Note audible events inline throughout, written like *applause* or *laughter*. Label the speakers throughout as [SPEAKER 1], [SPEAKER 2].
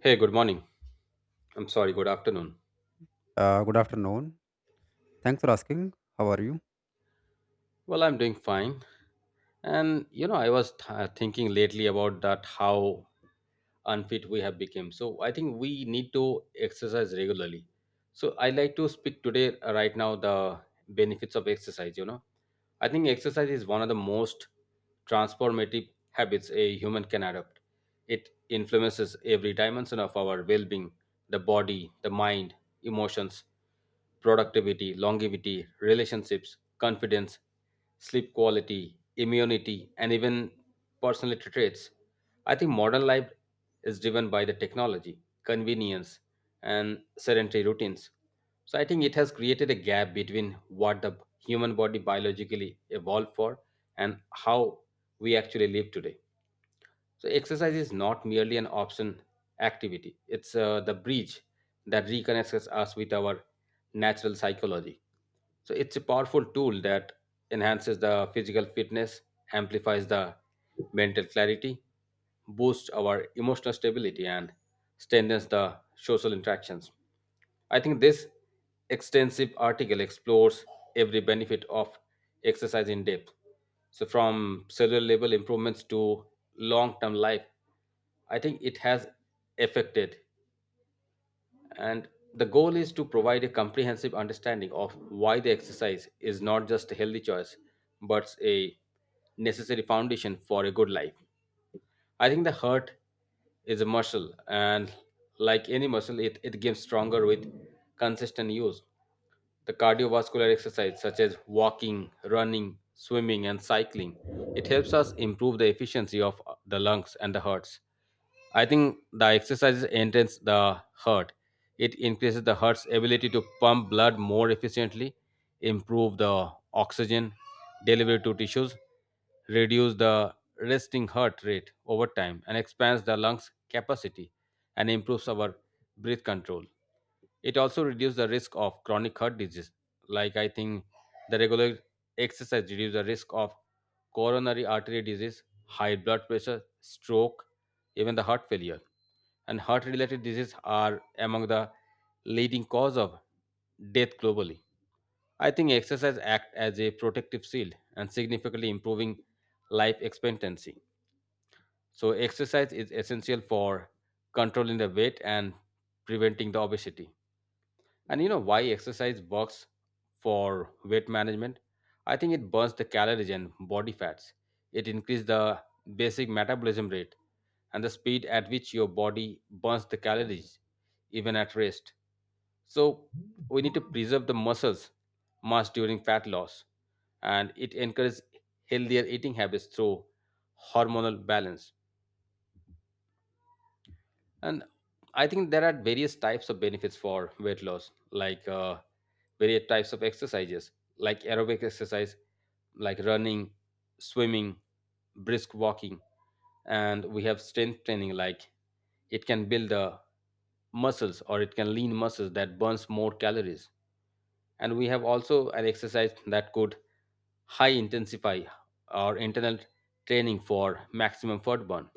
[SPEAKER 1] Hey, good morning. I'm sorry, good afternoon.
[SPEAKER 2] Good afternoon. Thanks for asking. How are you?
[SPEAKER 1] Well, I'm doing fine. And you know, I was thinking lately about that how unfit we have become. So I think we need to exercise regularly. So I like to speak today right now the benefits of exercise, you know. I think exercise is one of the most transformative habits a human can adopt. It influences every dimension of our well being, the body, the mind, emotions, productivity, longevity, relationships, confidence, sleep quality, immunity, and even personality traits. I think modern life is driven by the technology, convenience, and sedentary routines. So I think it has created a gap between what the human body biologically evolved for and how we actually live today. So exercise is not merely an option activity. It's the bridge that reconnects us with our natural psychology. So it's a powerful tool that enhances the physical fitness, amplifies the mental clarity, boost our emotional stability and strengthens the social interactions. I think this extensive article explores every benefit of exercise in depth. So, from cellular level improvements to long term life, I think it has affected. And the goal is to provide a comprehensive understanding of why the exercise is not just a healthy choice, but a necessary foundation for a good life. I think the heart is a muscle, and like any muscle, it gets stronger with consistent use. The cardiovascular exercise such as walking, running, swimming and cycling, it helps us improve the efficiency of the lungs and the hearts. I think the exercises enhance the heart. It increases the heart's ability to pump blood more efficiently, improve the oxygen delivery to tissues, reduce the resting heart rate over time, and expands the lungs capacity and improves our breath control. It also reduces the risk of chronic heart disease. Like, I think the regular exercise reduces the risk of coronary artery disease, high blood pressure, stroke, even the heart failure. And heart related diseases are among the leading cause of death globally. I think exercise act as a protective shield and significantly improving life expectancy. So exercise is essential for controlling the weight and preventing the obesity. And you know why exercise works for weight management? I think it burns the calories and body fats. It increases the basic metabolism rate and the speed at which your body burns the calories, even at rest. So we need to preserve the muscles mass during fat loss, and it encourages healthier eating habits through hormonal balance. And I think there are various types of benefits for weight loss, like various types of exercises, like aerobic exercise, like running, swimming, brisk walking, and we have strength training, like it can build the muscles or it can lean muscles that burns more calories. And we have also an exercise that could high intensify our internal training for maximum fat burn.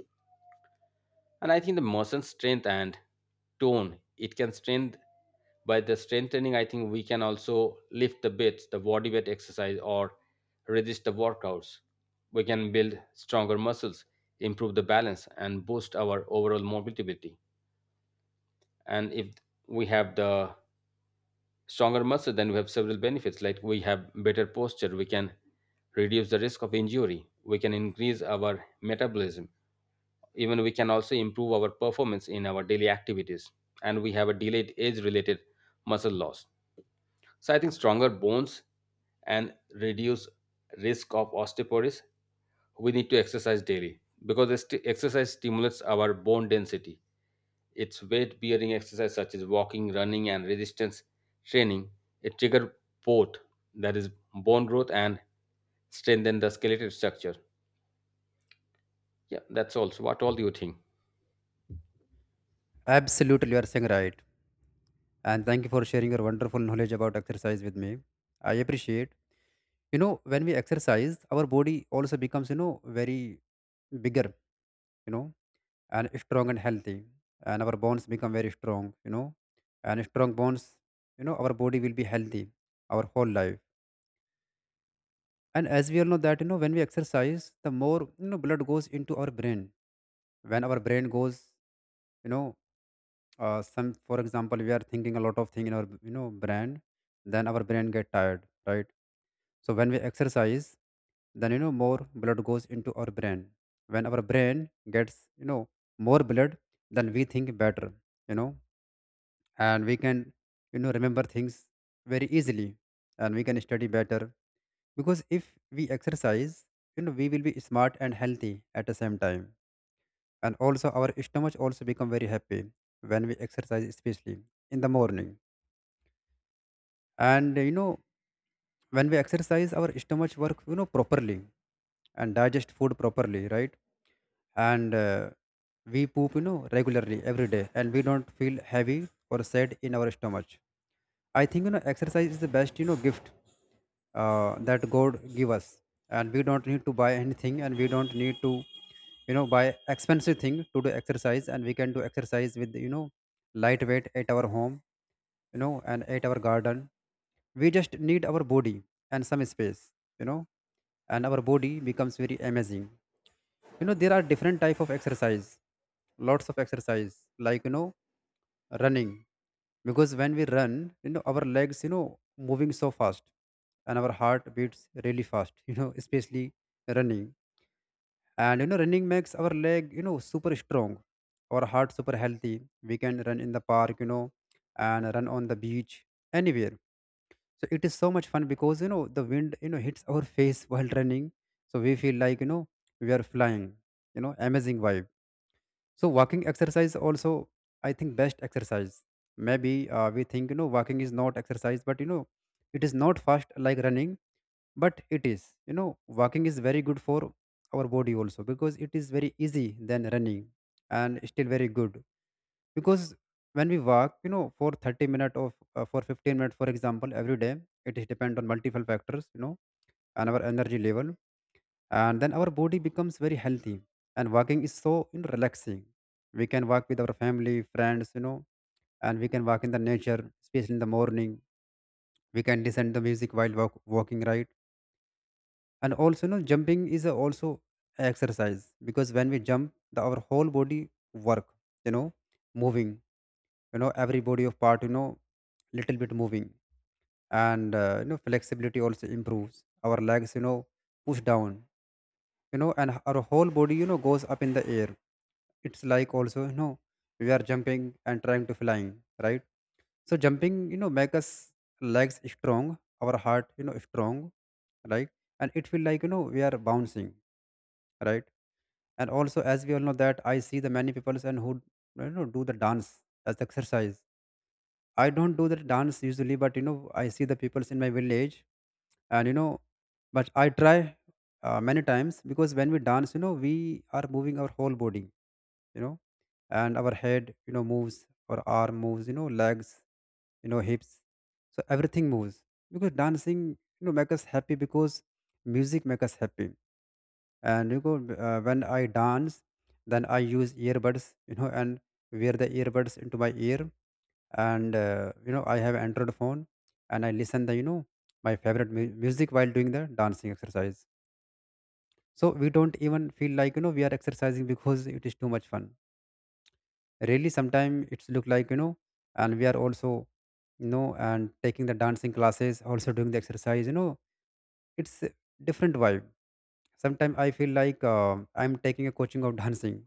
[SPEAKER 1] And I think the muscle strength and tone, it can strength by the strengthening. I think we can also lift the weights, the body weight exercise or resist the workouts. We can build stronger muscles, improve the balance and boost our overall mobility. And if we have the stronger muscle, then we have several benefits, like we have better posture, we can reduce the risk of injury, we can increase our metabolism, even we can also improve our performance in our daily activities, and we have a delayed age related muscle loss. So I think stronger bones and reduce risk of osteoporosis, we need to exercise daily, because exercise stimulates our bone density. It's weight bearing exercise such as walking, running and resistance training. It triggers both, that is, bone growth and strengthen the skeletal structure. Yeah, that's also, what all do you think?
[SPEAKER 2] Absolutely, you are saying right. And thank you for sharing your wonderful knowledge about exercise with me. I appreciate. You know, when we exercise, our body also becomes, you know, very bigger, you know, and strong and healthy. And our bones become very strong, you know, and strong bones, you know, our body will be healthy our whole life. And as we all know that, you know, when we exercise, the more, you know, blood goes into our brain. When our brain goes, you know, some for example we are thinking a lot of thing in our you know brain then our brain get tired, right? So when we exercise then you know more blood goes into our brain. When our brain gets you know more blood then we think better, you know, and we can you know remember things very easily and we can study better because if we exercise you know we will be smart and healthy at the same time. And also our stomach also become very happy when we exercise, especially in the morning. And you know when we exercise our stomach work you know properly and digest food properly, right? And we poop you know regularly every day and we don't feel heavy or sad in our stomach. I think you know exercise is the best you know gift that God give us, and we don't need to buy anything and we don't need to you know buy expensive thing to do exercise, and we can do exercise with you know lightweight at our home, you know, and at our garden. We just need our body and some space, you know, and our body becomes very amazing. You know there are different type of exercise, lots of exercise, like you know running, because when we run you know our legs you know moving so fast and our heart beats really fast *laughs* you know, especially running. And you know running makes our leg you know super strong, our heart super healthy. We can run in the park, you know, and run on the beach, anywhere. So it is so much fun because you know the wind you know hits our face while running. So we feel like you know we are flying, you know, amazing vibe. So walking exercise also I think best exercise, maybe. We think you know walking is not exercise but you know it is not fast like running, but it is you know walking is very good for our body also because it is very easy than running, and still very good. Because when we walk you know for 30 minutes of for 15 minutes for example every day, it is depend on multiple factors, you know, and our energy level, and then our body becomes very healthy. And walking is so, you know, relaxing. We can walk with our family friends, you know, and we can walk in the nature especially in the morning. We can listen the music while walking, right? And also you know jumping is a also exercise because when we jump the our whole body work, you know, moving, you know, every body of part, you know, little bit moving. And you know flexibility also improves our legs, you know, push down, you know, and our whole body you know goes up in the air. It's like also you know we are jumping and trying to flying, right? So jumping you know make us legs strong, our heart you know strong, right? And it feel like you know we are bouncing, right? And also as we all know that I see the many people and who you know do the dance as exercise. I don't do the dance usually, but you know, I see the peoples in my village, and you know but I try many times because when we dance you know we are moving our whole body, you know, and our head you know moves, our arm moves, you know, legs, you know, hips, so everything moves. Because dancing you know make us happy because music make us happy. And you know, when I dance then I use earbuds you know and wear the earbuds into my ear. And you know I have Android phone and I listen the you know my favorite music while doing the dancing exercise. So we don't even feel like you know we are exercising because it is too much fun. Really sometimes it's look like you know, and we are also, you know, and taking the dancing classes also doing the exercise, you know. It's a different vibe. Sometimes I feel like I'm taking a coaching of dancing,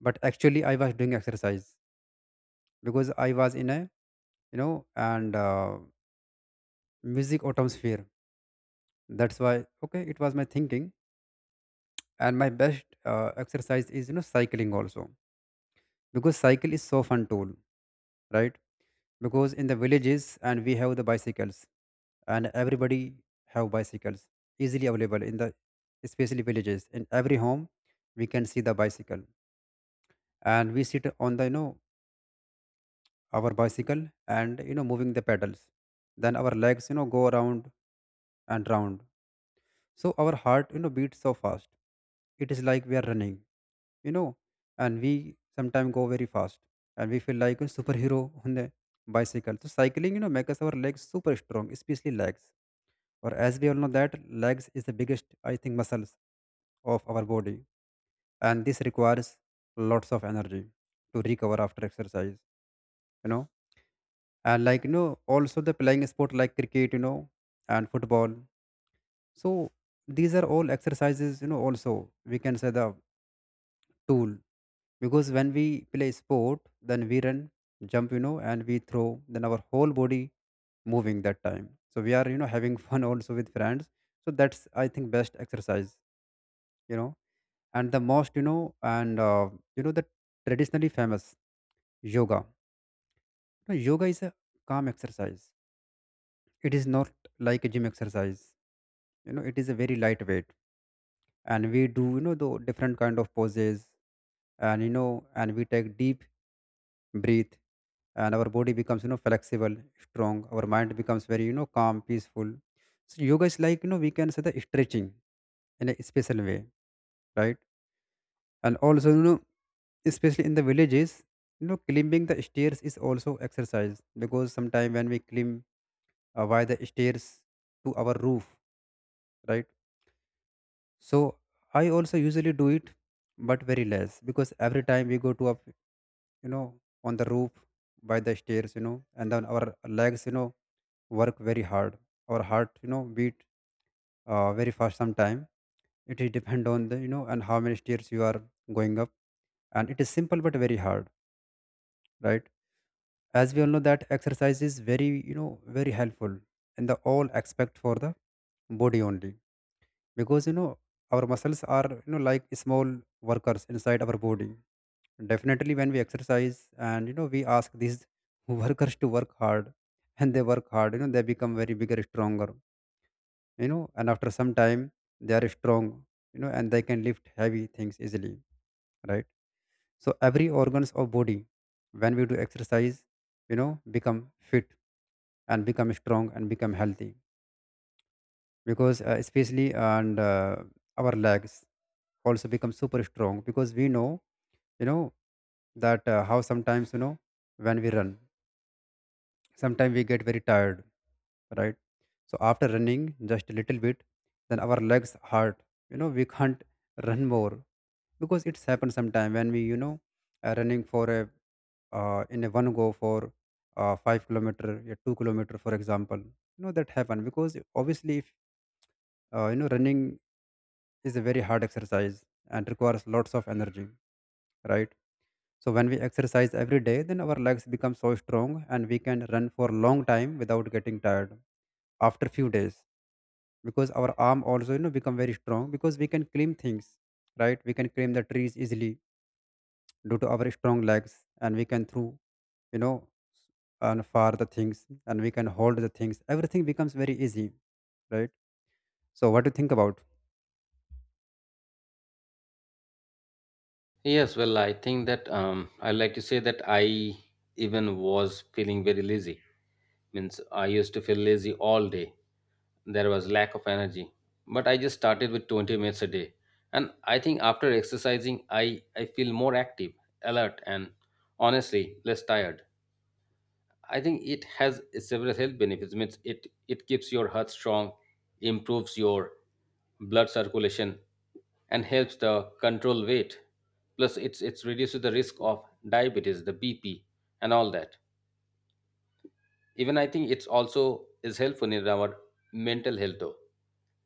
[SPEAKER 2] but actually I was doing exercise because I was in a, you know, and music atmosphere. That's why, okay, it was my thinking. And my best exercise is you know cycling also, because cycle is so fun tool, right? Because in the villages and we have the bicycles, and everybody have bicycles, easily available in the, especially villages, in every home we can see the bicycle. And we sit on the, you know, our bicycle and you know moving the pedals, then our legs you know go around and round. So our heart you know beats so fast, it is like we are running, you know. And we sometimes go very fast and we feel like a superhero on the bicycle. So cycling you know makes our legs super strong, especially legs. Or as we all know that legs is the biggest I think muscles of our body, and this requires lots of energy to recover after exercise, you know. And like you know also the playing sport like cricket, you know, and football. So these are all exercises you know also, we can say the tool, because when we play sport then we run, jump, you know, and we throw, then our whole body moving that time, so we are you know *laughs* having fun also with friends. So that's I think best exercise, you know. And the most, you know, and you know, the traditionally famous yoga. Now, yoga is a calm exercise, it is not like a gym exercise, you know, it is a very lightweight. And we do you know the different kind of poses, and you know and we take deep breathe, and our body becomes you know flexible strong, our mind becomes very you know calm peaceful. So yoga is like you know we can say the stretching in a special way, right? And also you know especially in the villages, you know climbing the stairs is also exercise, because sometimes when we climb via the stairs to our roof, right? So I also usually do it, but very less, because every time we go to a, you know, on the roof by the stairs, you know, and then our legs, you know, work very hard. Our heart, you know, beat very fast sometime. It is depend on the, you know, and how many stairs you are going up. And it is simple but very hard, right? As we all know that exercise is very, you know, very helpful in the all aspect for the body only, because you know our muscles are you know like small workers inside our body. Definitely when we exercise and you know we ask these *laughs* workers to work hard, and they work hard, you know, they become very bigger stronger, you know, and after some time they are strong, you know, and they can lift heavy things easily, right? So every organs of body, when we do exercise, you know, become fit and become strong and become healthy. Because especially and our legs also become super strong, because we know, you know, that how sometimes you know when we run sometimes we get very tired, right? So after running just a little bit then our legs hurt, you know, we can't run more, because it's happened sometime when we you know are running for a in a one go for 5 kilometers a 2 kilometers for example, you know, that happen. Because obviously if you know running is a very hard exercise and requires lots of energy, right? So when we exercise every day, then our legs become so strong and we can run for a long time without getting tired after few days. Because our arm also you know become very strong because we can climb things, right? We can climb the trees easily due to our strong legs and we can through you know and far the things, and we can hold the things. Everything becomes very easy, right? So what do you think about?
[SPEAKER 1] Yes, well, I think that I like to say that I even was feeling very lazy. Means I used to feel lazy all day. There was lack of energy, but I just started with 20 minutes a day, and I think after exercising, I feel more active, alert, and honestly less tired. I think it has several health benefits. Means it keeps your heart strong, improves your blood circulation, and helps the control weight. Plus, it's reduces the risk of diabetes, the BP, and all that. Even I think it's also is helpful in our mental health though,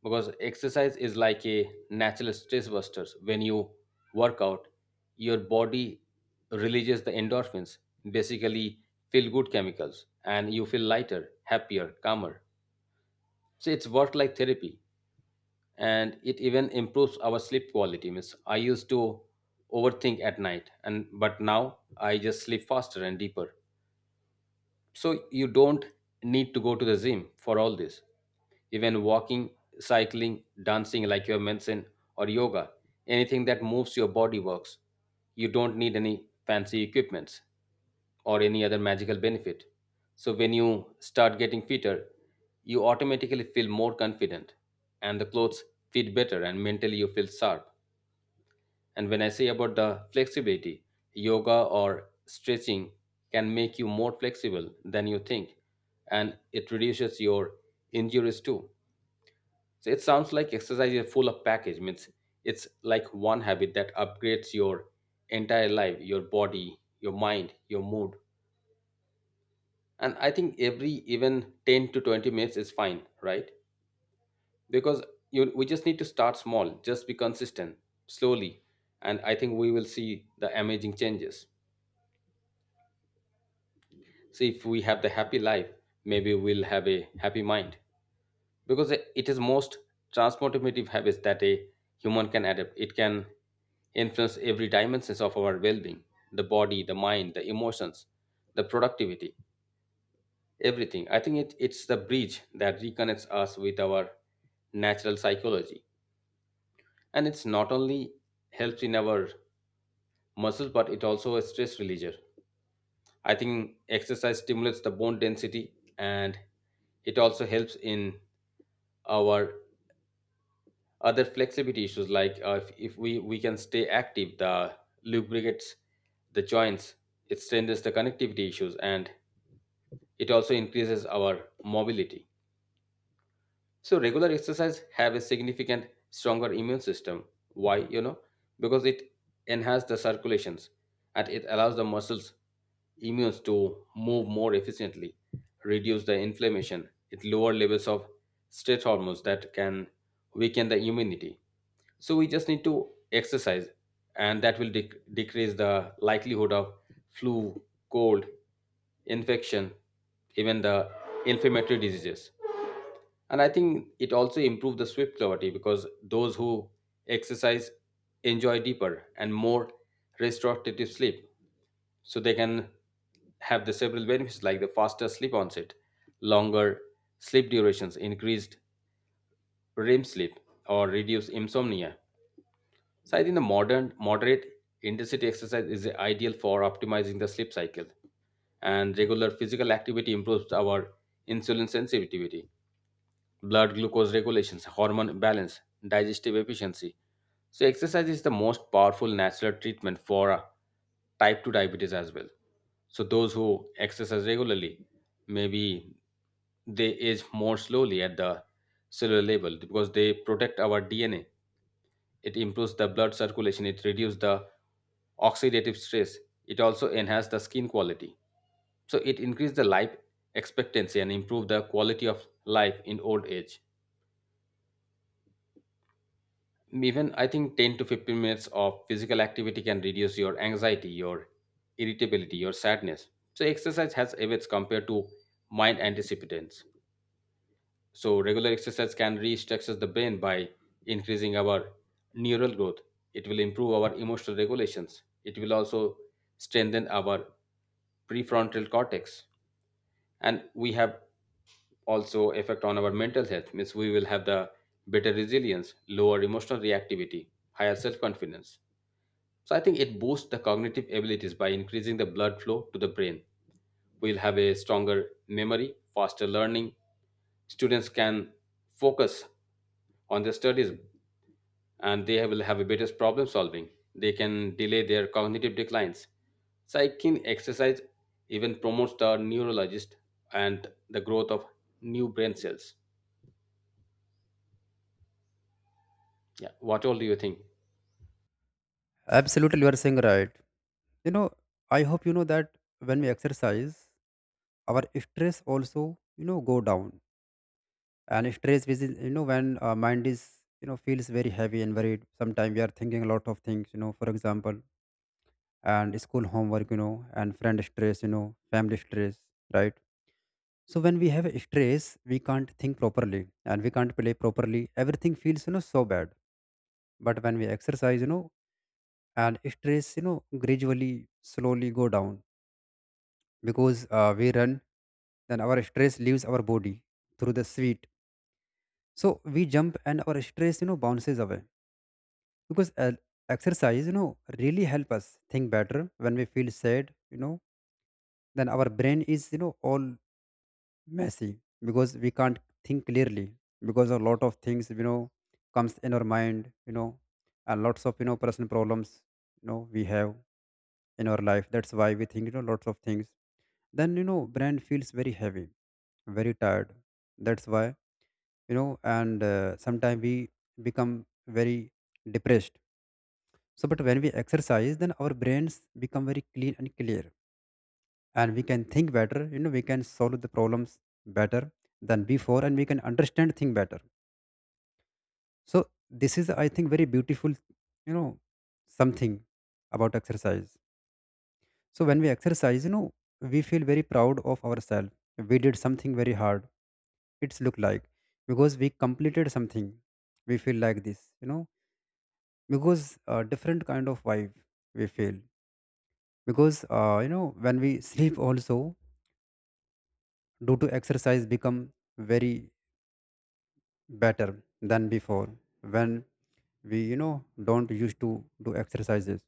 [SPEAKER 1] because exercise is like a natural stress buster. When you work out, your body releases the endorphins, basically feel good chemicals, and you feel lighter, happier, calmer. So it's worked like therapy, and it even improves our sleep quality. Means I used to overthink at night, and but now I just sleep faster and deeper. So you don't need to go to the gym for all this. Even walking, cycling, dancing, like you have mentioned, or yoga, anything that moves your body works. You don't need any fancy equipments or any other magical benefit. So when you start getting fitter, you automatically feel more confident and the clothes fit better, and mentally you feel sharp. And when I say about the flexibility, yoga or stretching can make you more flexible than you think, and it reduces your injuries too. So it sounds like exercise is full of package. Means it's like one habit that upgrades your entire life, your body, your mind, your mood. And I think every even 10 to 20 minutes is fine, right? Because you we just need to start small, just be consistent, slowly, and I think we will see the amazing changes. See, if we have the happy life, maybe we'll have a happy mind, because it is most transformative habits that a human can adapt. It can influence every dimensions of our well-being, the body, the mind, the emotions, the productivity, everything. I think it's the bridge that reconnects us with our natural psychology, and it's not only helps in our muscles, but it also a stress reliever. I think exercise stimulates the bone density and it also helps in our other flexibility issues like if, we can stay active, the lubricates the joints, it strengthens the connectivity issues and it also increases our mobility. So regular exercise have a significant stronger immune system. Why? You know, because it enhances the circulations and it allows the muscles immunes to move more efficiently, reduce the inflammation, it lower levels of stress hormones that can weaken the immunity. So we just need to exercise and that will decrease the likelihood of flu, cold, infection, even the inflammatory diseases. And I think it also improved the swift clarity, because those who exercise enjoy deeper and more restorative sleep. So they can have the several benefits like the faster sleep onset, longer sleep durations, increased REM sleep or reduced insomnia. So I think the modern moderate intensity exercise is ideal for optimizing the sleep cycle. And regular physical activity improves our insulin sensitivity, blood glucose regulations, hormone balance, digestive efficiency. So, exercise is the most powerful natural treatment for type 2 diabetes as well. So, those who exercise regularly, maybe they age more slowly at the cellular level, because they protect our DNA. It improves the blood circulation, it reduces the oxidative stress, it also enhances the skin quality. So, it increases the life expectancy and improve the quality of life in old age. Even I think 10 to 15 minutes of physical activity can reduce your anxiety, your irritability, your sadness. So exercise has effects compared to mind antecipitants. So regular exercise can restructure the brain by increasing our neural growth. It will improve our emotional regulations, it will also strengthen our prefrontal cortex, and we have also effect on our mental health. Means we will have the better resilience, lower emotional reactivity, higher self confidence. So I think it boosts the cognitive abilities by increasing the blood flow to the brain. We'll have a stronger memory, faster learning. Students can focus on their studies and they will have a better problem solving. They can delay their cognitive declines. Cycling exercise even promotes the neurologist and the growth of new brain cells. Yeah. What all do you think?
[SPEAKER 2] Absolutely, you are saying right. you know I hope you know that when we exercise, our stress also go down. And stress, which is when our mind is feels very heavy and worried. Sometimes we are thinking a lot of things, for example, and school homework, and friend stress, family stress, right? So when we have a stress, we can't think properly and we can't play properly. Everything feels so bad. But when we exercise, and stress gradually, slowly go down. Because we run, then our stress leaves our body through the sweat. So we jump and our stress bounces away. Because exercise really help us think better. When we feel sad, then our brain is all messy, because we can't think clearly, because a lot of things comes in our mind, and lots of personal problems we have in our life. That's why we think lots of things. Then brain feels very heavy, very tired. That's why and sometimes we become very depressed. So but when we exercise, then our brains become very clean and clear, and we can think better. We can solve the problems better than before, and we can understand things better. So this is, I think, very beautiful, you know something about exercise. So when we exercise, we feel very proud of ourselves. We did something very hard, it's look like, because we completed something. We feel like this, because different kind of vibe we feel. Because when we sleep also, due to exercise, become very better than before, when we don't used to do exercises.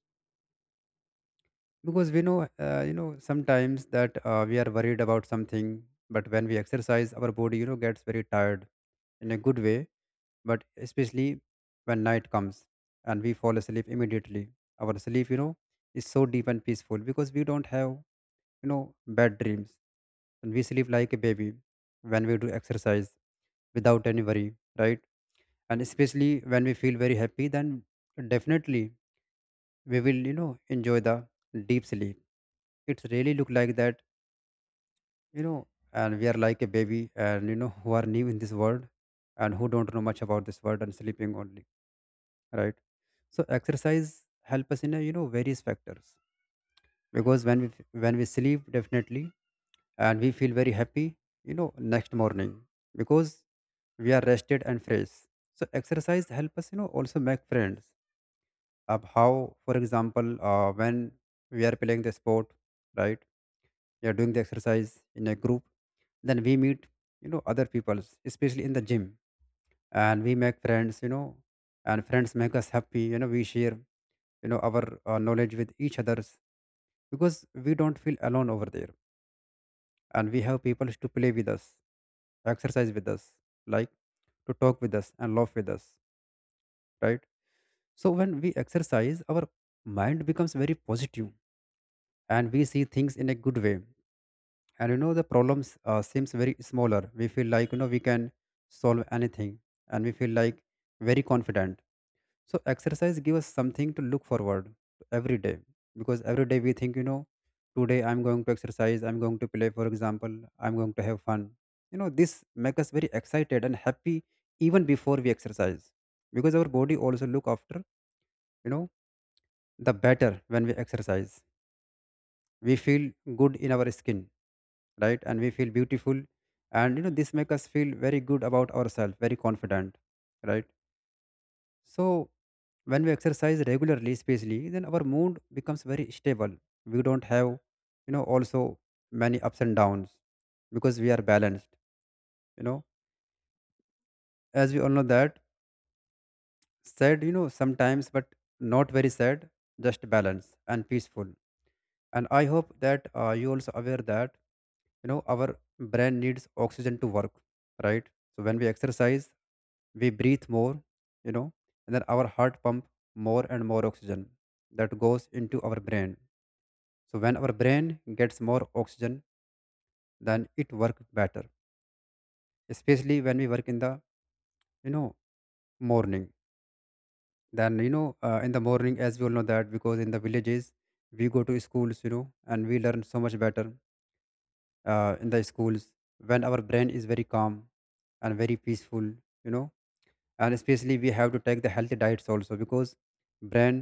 [SPEAKER 2] Because we know, sometimes that we are worried about something. But when we exercise, our body gets very tired in a good way. But especially when night comes and we fall asleep immediately, our sleep is so deep and peaceful, because we don't have bad dreams, and we sleep like a baby when we do exercise, without any worry, right? And especially when we feel very happy, then definitely we will enjoy the deep sleep. It's really look like that, you know and we are like a baby, and who are new in this world, and who don't know much about this world and sleeping only, right? So exercise help us in a, various factors. Because when we sleep definitely, and we feel very happy, next morning, because we are rested and fresh. So exercise help us, also make friends. Of how, for example, when we are playing the sport, right, we are doing the exercise in a group, then we meet other peoples, especially in the gym, and we make friends, and friends make us happy. We share our knowledge with each others, because we don't feel alone over there, and we have people to play with us, exercise with us, like to talk with us and laugh with us, right? So when we exercise, our mind becomes very positive, and we see things in a good way. And the problems seems very smaller. We feel like we can solve anything, and we feel like very confident. So exercise gives us something to look forward to every day, because every day we think, you know, today I'm going to exercise, I'm going to play, for example, I'm going to have fun. You know, this makes us very excited and happy even before we exercise, because our body also look after, you know, the better when we exercise. We feel good in our skin, right? And we feel beautiful. And, this makes us feel very good about ourselves, very confident, right? So, when we exercise regularly, especially, then our mood becomes very stable. We don't have, also many ups and downs, because we are balanced, you know. As we all know that, sad, sometimes, but not very sad, just balance and peaceful. And I hope that you also aware that, our brain needs oxygen to work, right? So, when we exercise, we breathe more, you know and then our heart pump more and more oxygen that goes into our brain. So when our brain gets more oxygen, then it works better, especially when we work in the you know morning. Then in the morning, as we all know that, because in the villages we go to schools, and we learn so much better in the schools, when our brain is very calm and very peaceful, you know and especially we have to take the healthy diets also, because brain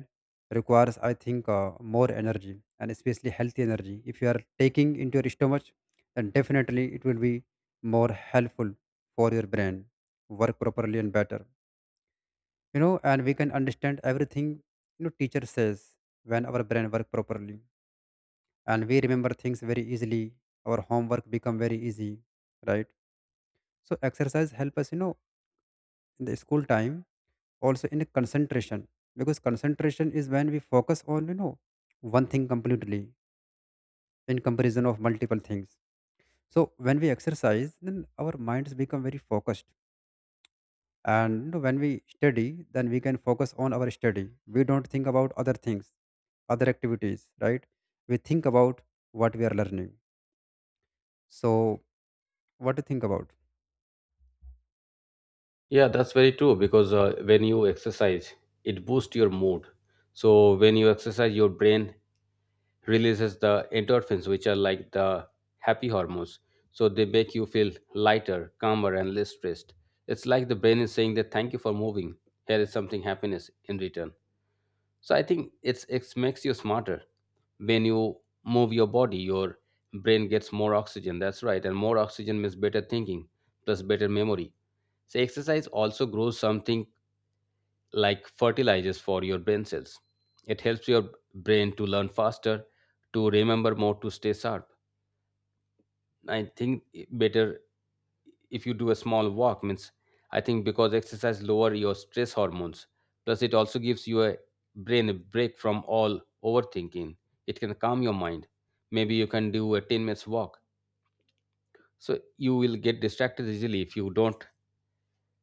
[SPEAKER 2] requires, I think, more energy. And especially healthy energy, if you are taking into your stomach, then definitely it will be more helpful for your brain work properly and better. And we can understand everything teacher says when our brain work properly, and we remember things very easily, our homework become very easy, right? So exercise help us, in the school time, also in concentration, because concentration is when we focus on one thing completely, in comparison of multiple things. So when we exercise, then our minds become very focused. And you know, when we study, then we can focus on our study. We don't think about other things, other activities, right? We think about what we are learning. So what do you think about?
[SPEAKER 1] Yeah, that's very true, because when you exercise, it boosts your mood. So when you exercise, your brain releases the endorphins, which are like the happy hormones. So they make you feel lighter, calmer, and less stressed. It's like the brain is saying that thank you for moving. Here is something happiness in return. So I think it's, it makes you smarter. When you move your body, your brain gets more oxygen, that's right, and more oxygen means better thinking, plus better memory. So exercise also grows something like fertilizers for your brain cells. It helps your brain to learn faster, to remember more, to stay sharp. I think better if you do a small walk. Means I think because exercise lower your stress hormones, plus it also gives you a brain a break from all overthinking. It can calm your mind. Maybe you can do a 10 minutes walk. So you will get distracted easily if you don't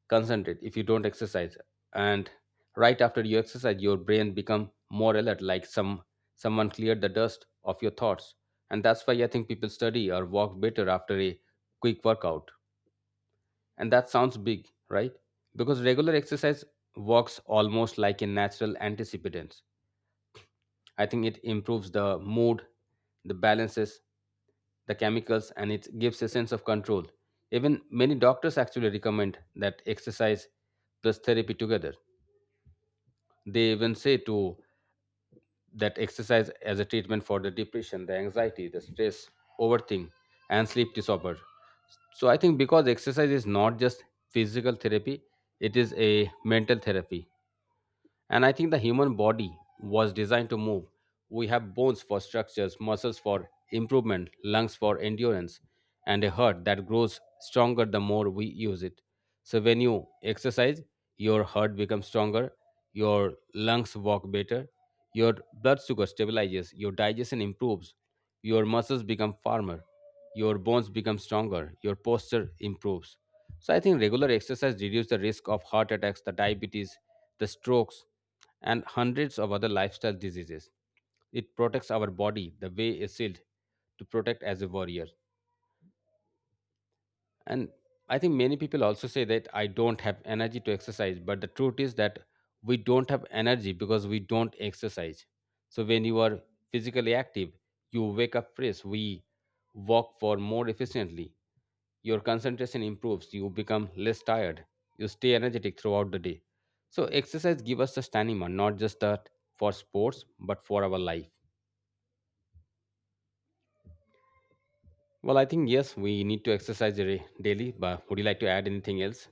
[SPEAKER 1] concentrate, if you don't exercise. And right after you exercise, your brain become more alert, like some someone cleared the dust of your thoughts. And that's why I think people study or walk better after a quick workout. And that sounds big, right? Because regular exercise works almost like a natural antecipient. I think it improves the mood, the balances, the chemicals, and it gives a sense of control. Even many doctors actually recommend that exercise plus therapy together. They even say to that exercise as a treatment for the depression, the anxiety, the stress, overthink, and sleep disorder. So I think because exercise is not just physical therapy, it is a mental therapy. And I think the human body was designed to move. We have bones for structures, muscles for improvement, lungs for endurance, and a heart that grows stronger the more we use it. So when you exercise, your heart becomes stronger, your lungs work better, your blood sugar stabilizes, your digestion improves, your muscles become firmer, your bones become stronger, your posture improves. So I think regular exercise reduces the risk of heart attacks, the diabetes, the strokes, and hundreds of other lifestyle diseases. It protects our body the way a shield to protect as a warrior. And I think many people also say that I don't have energy to exercise, but the truth is that we don't have energy because we don't exercise. So when you are physically active, you wake up fresh, we walk for more efficiently, your concentration improves, you become less tired, you stay energetic throughout the day. So exercise give us the stamina, not just that for sports, but for our life. Well, I think yes, we need to exercise daily, but would you like to add anything else?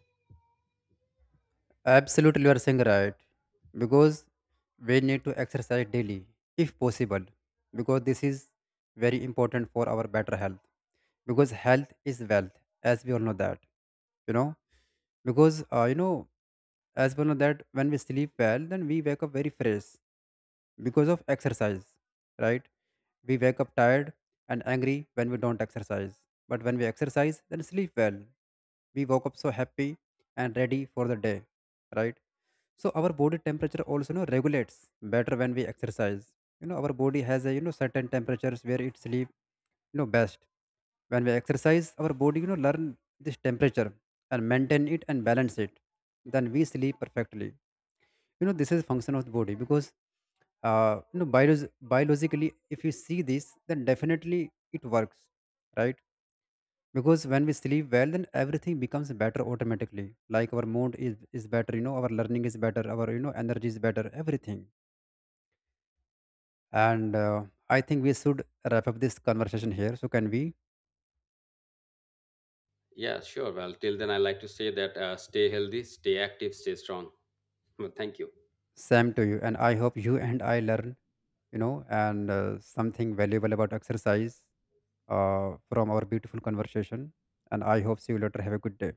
[SPEAKER 2] Absolutely, you are saying right. Because we need to exercise daily, if possible, because this is very important for our better health. Because health is wealth, as we all know that. You know, because as we all know that, when we sleep well, then we wake up very fresh because of exercise, right? We wake up tired and angry when we don't exercise. But when we exercise, then sleep well. We woke up so happy and ready for the day, right? So our body temperature also, you know, regulates better when we exercise. You know, our body has a certain temperatures where it sleep best. When we exercise, our body learn this temperature and maintain it and balance it, then we sleep perfectly. You know, this is function of the body. Because you know, biologically, if you see this, then definitely it works, right? Because when we sleep well, then everything becomes better automatically. Like our mood is better. You know, our learning is better, our, you know, energy is better, everything. And I think we should wrap up this conversation here, so can we?
[SPEAKER 1] Yeah, sure. Well, till then I like to say that stay healthy, stay active, stay strong. Well, thank you.
[SPEAKER 2] Same to you, and I hope you *laughs* and I learn, you know, and something valuable about exercise from our beautiful conversation. And I hope see you later. Have a good day.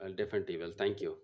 [SPEAKER 1] Well, definitely. Well, thank you.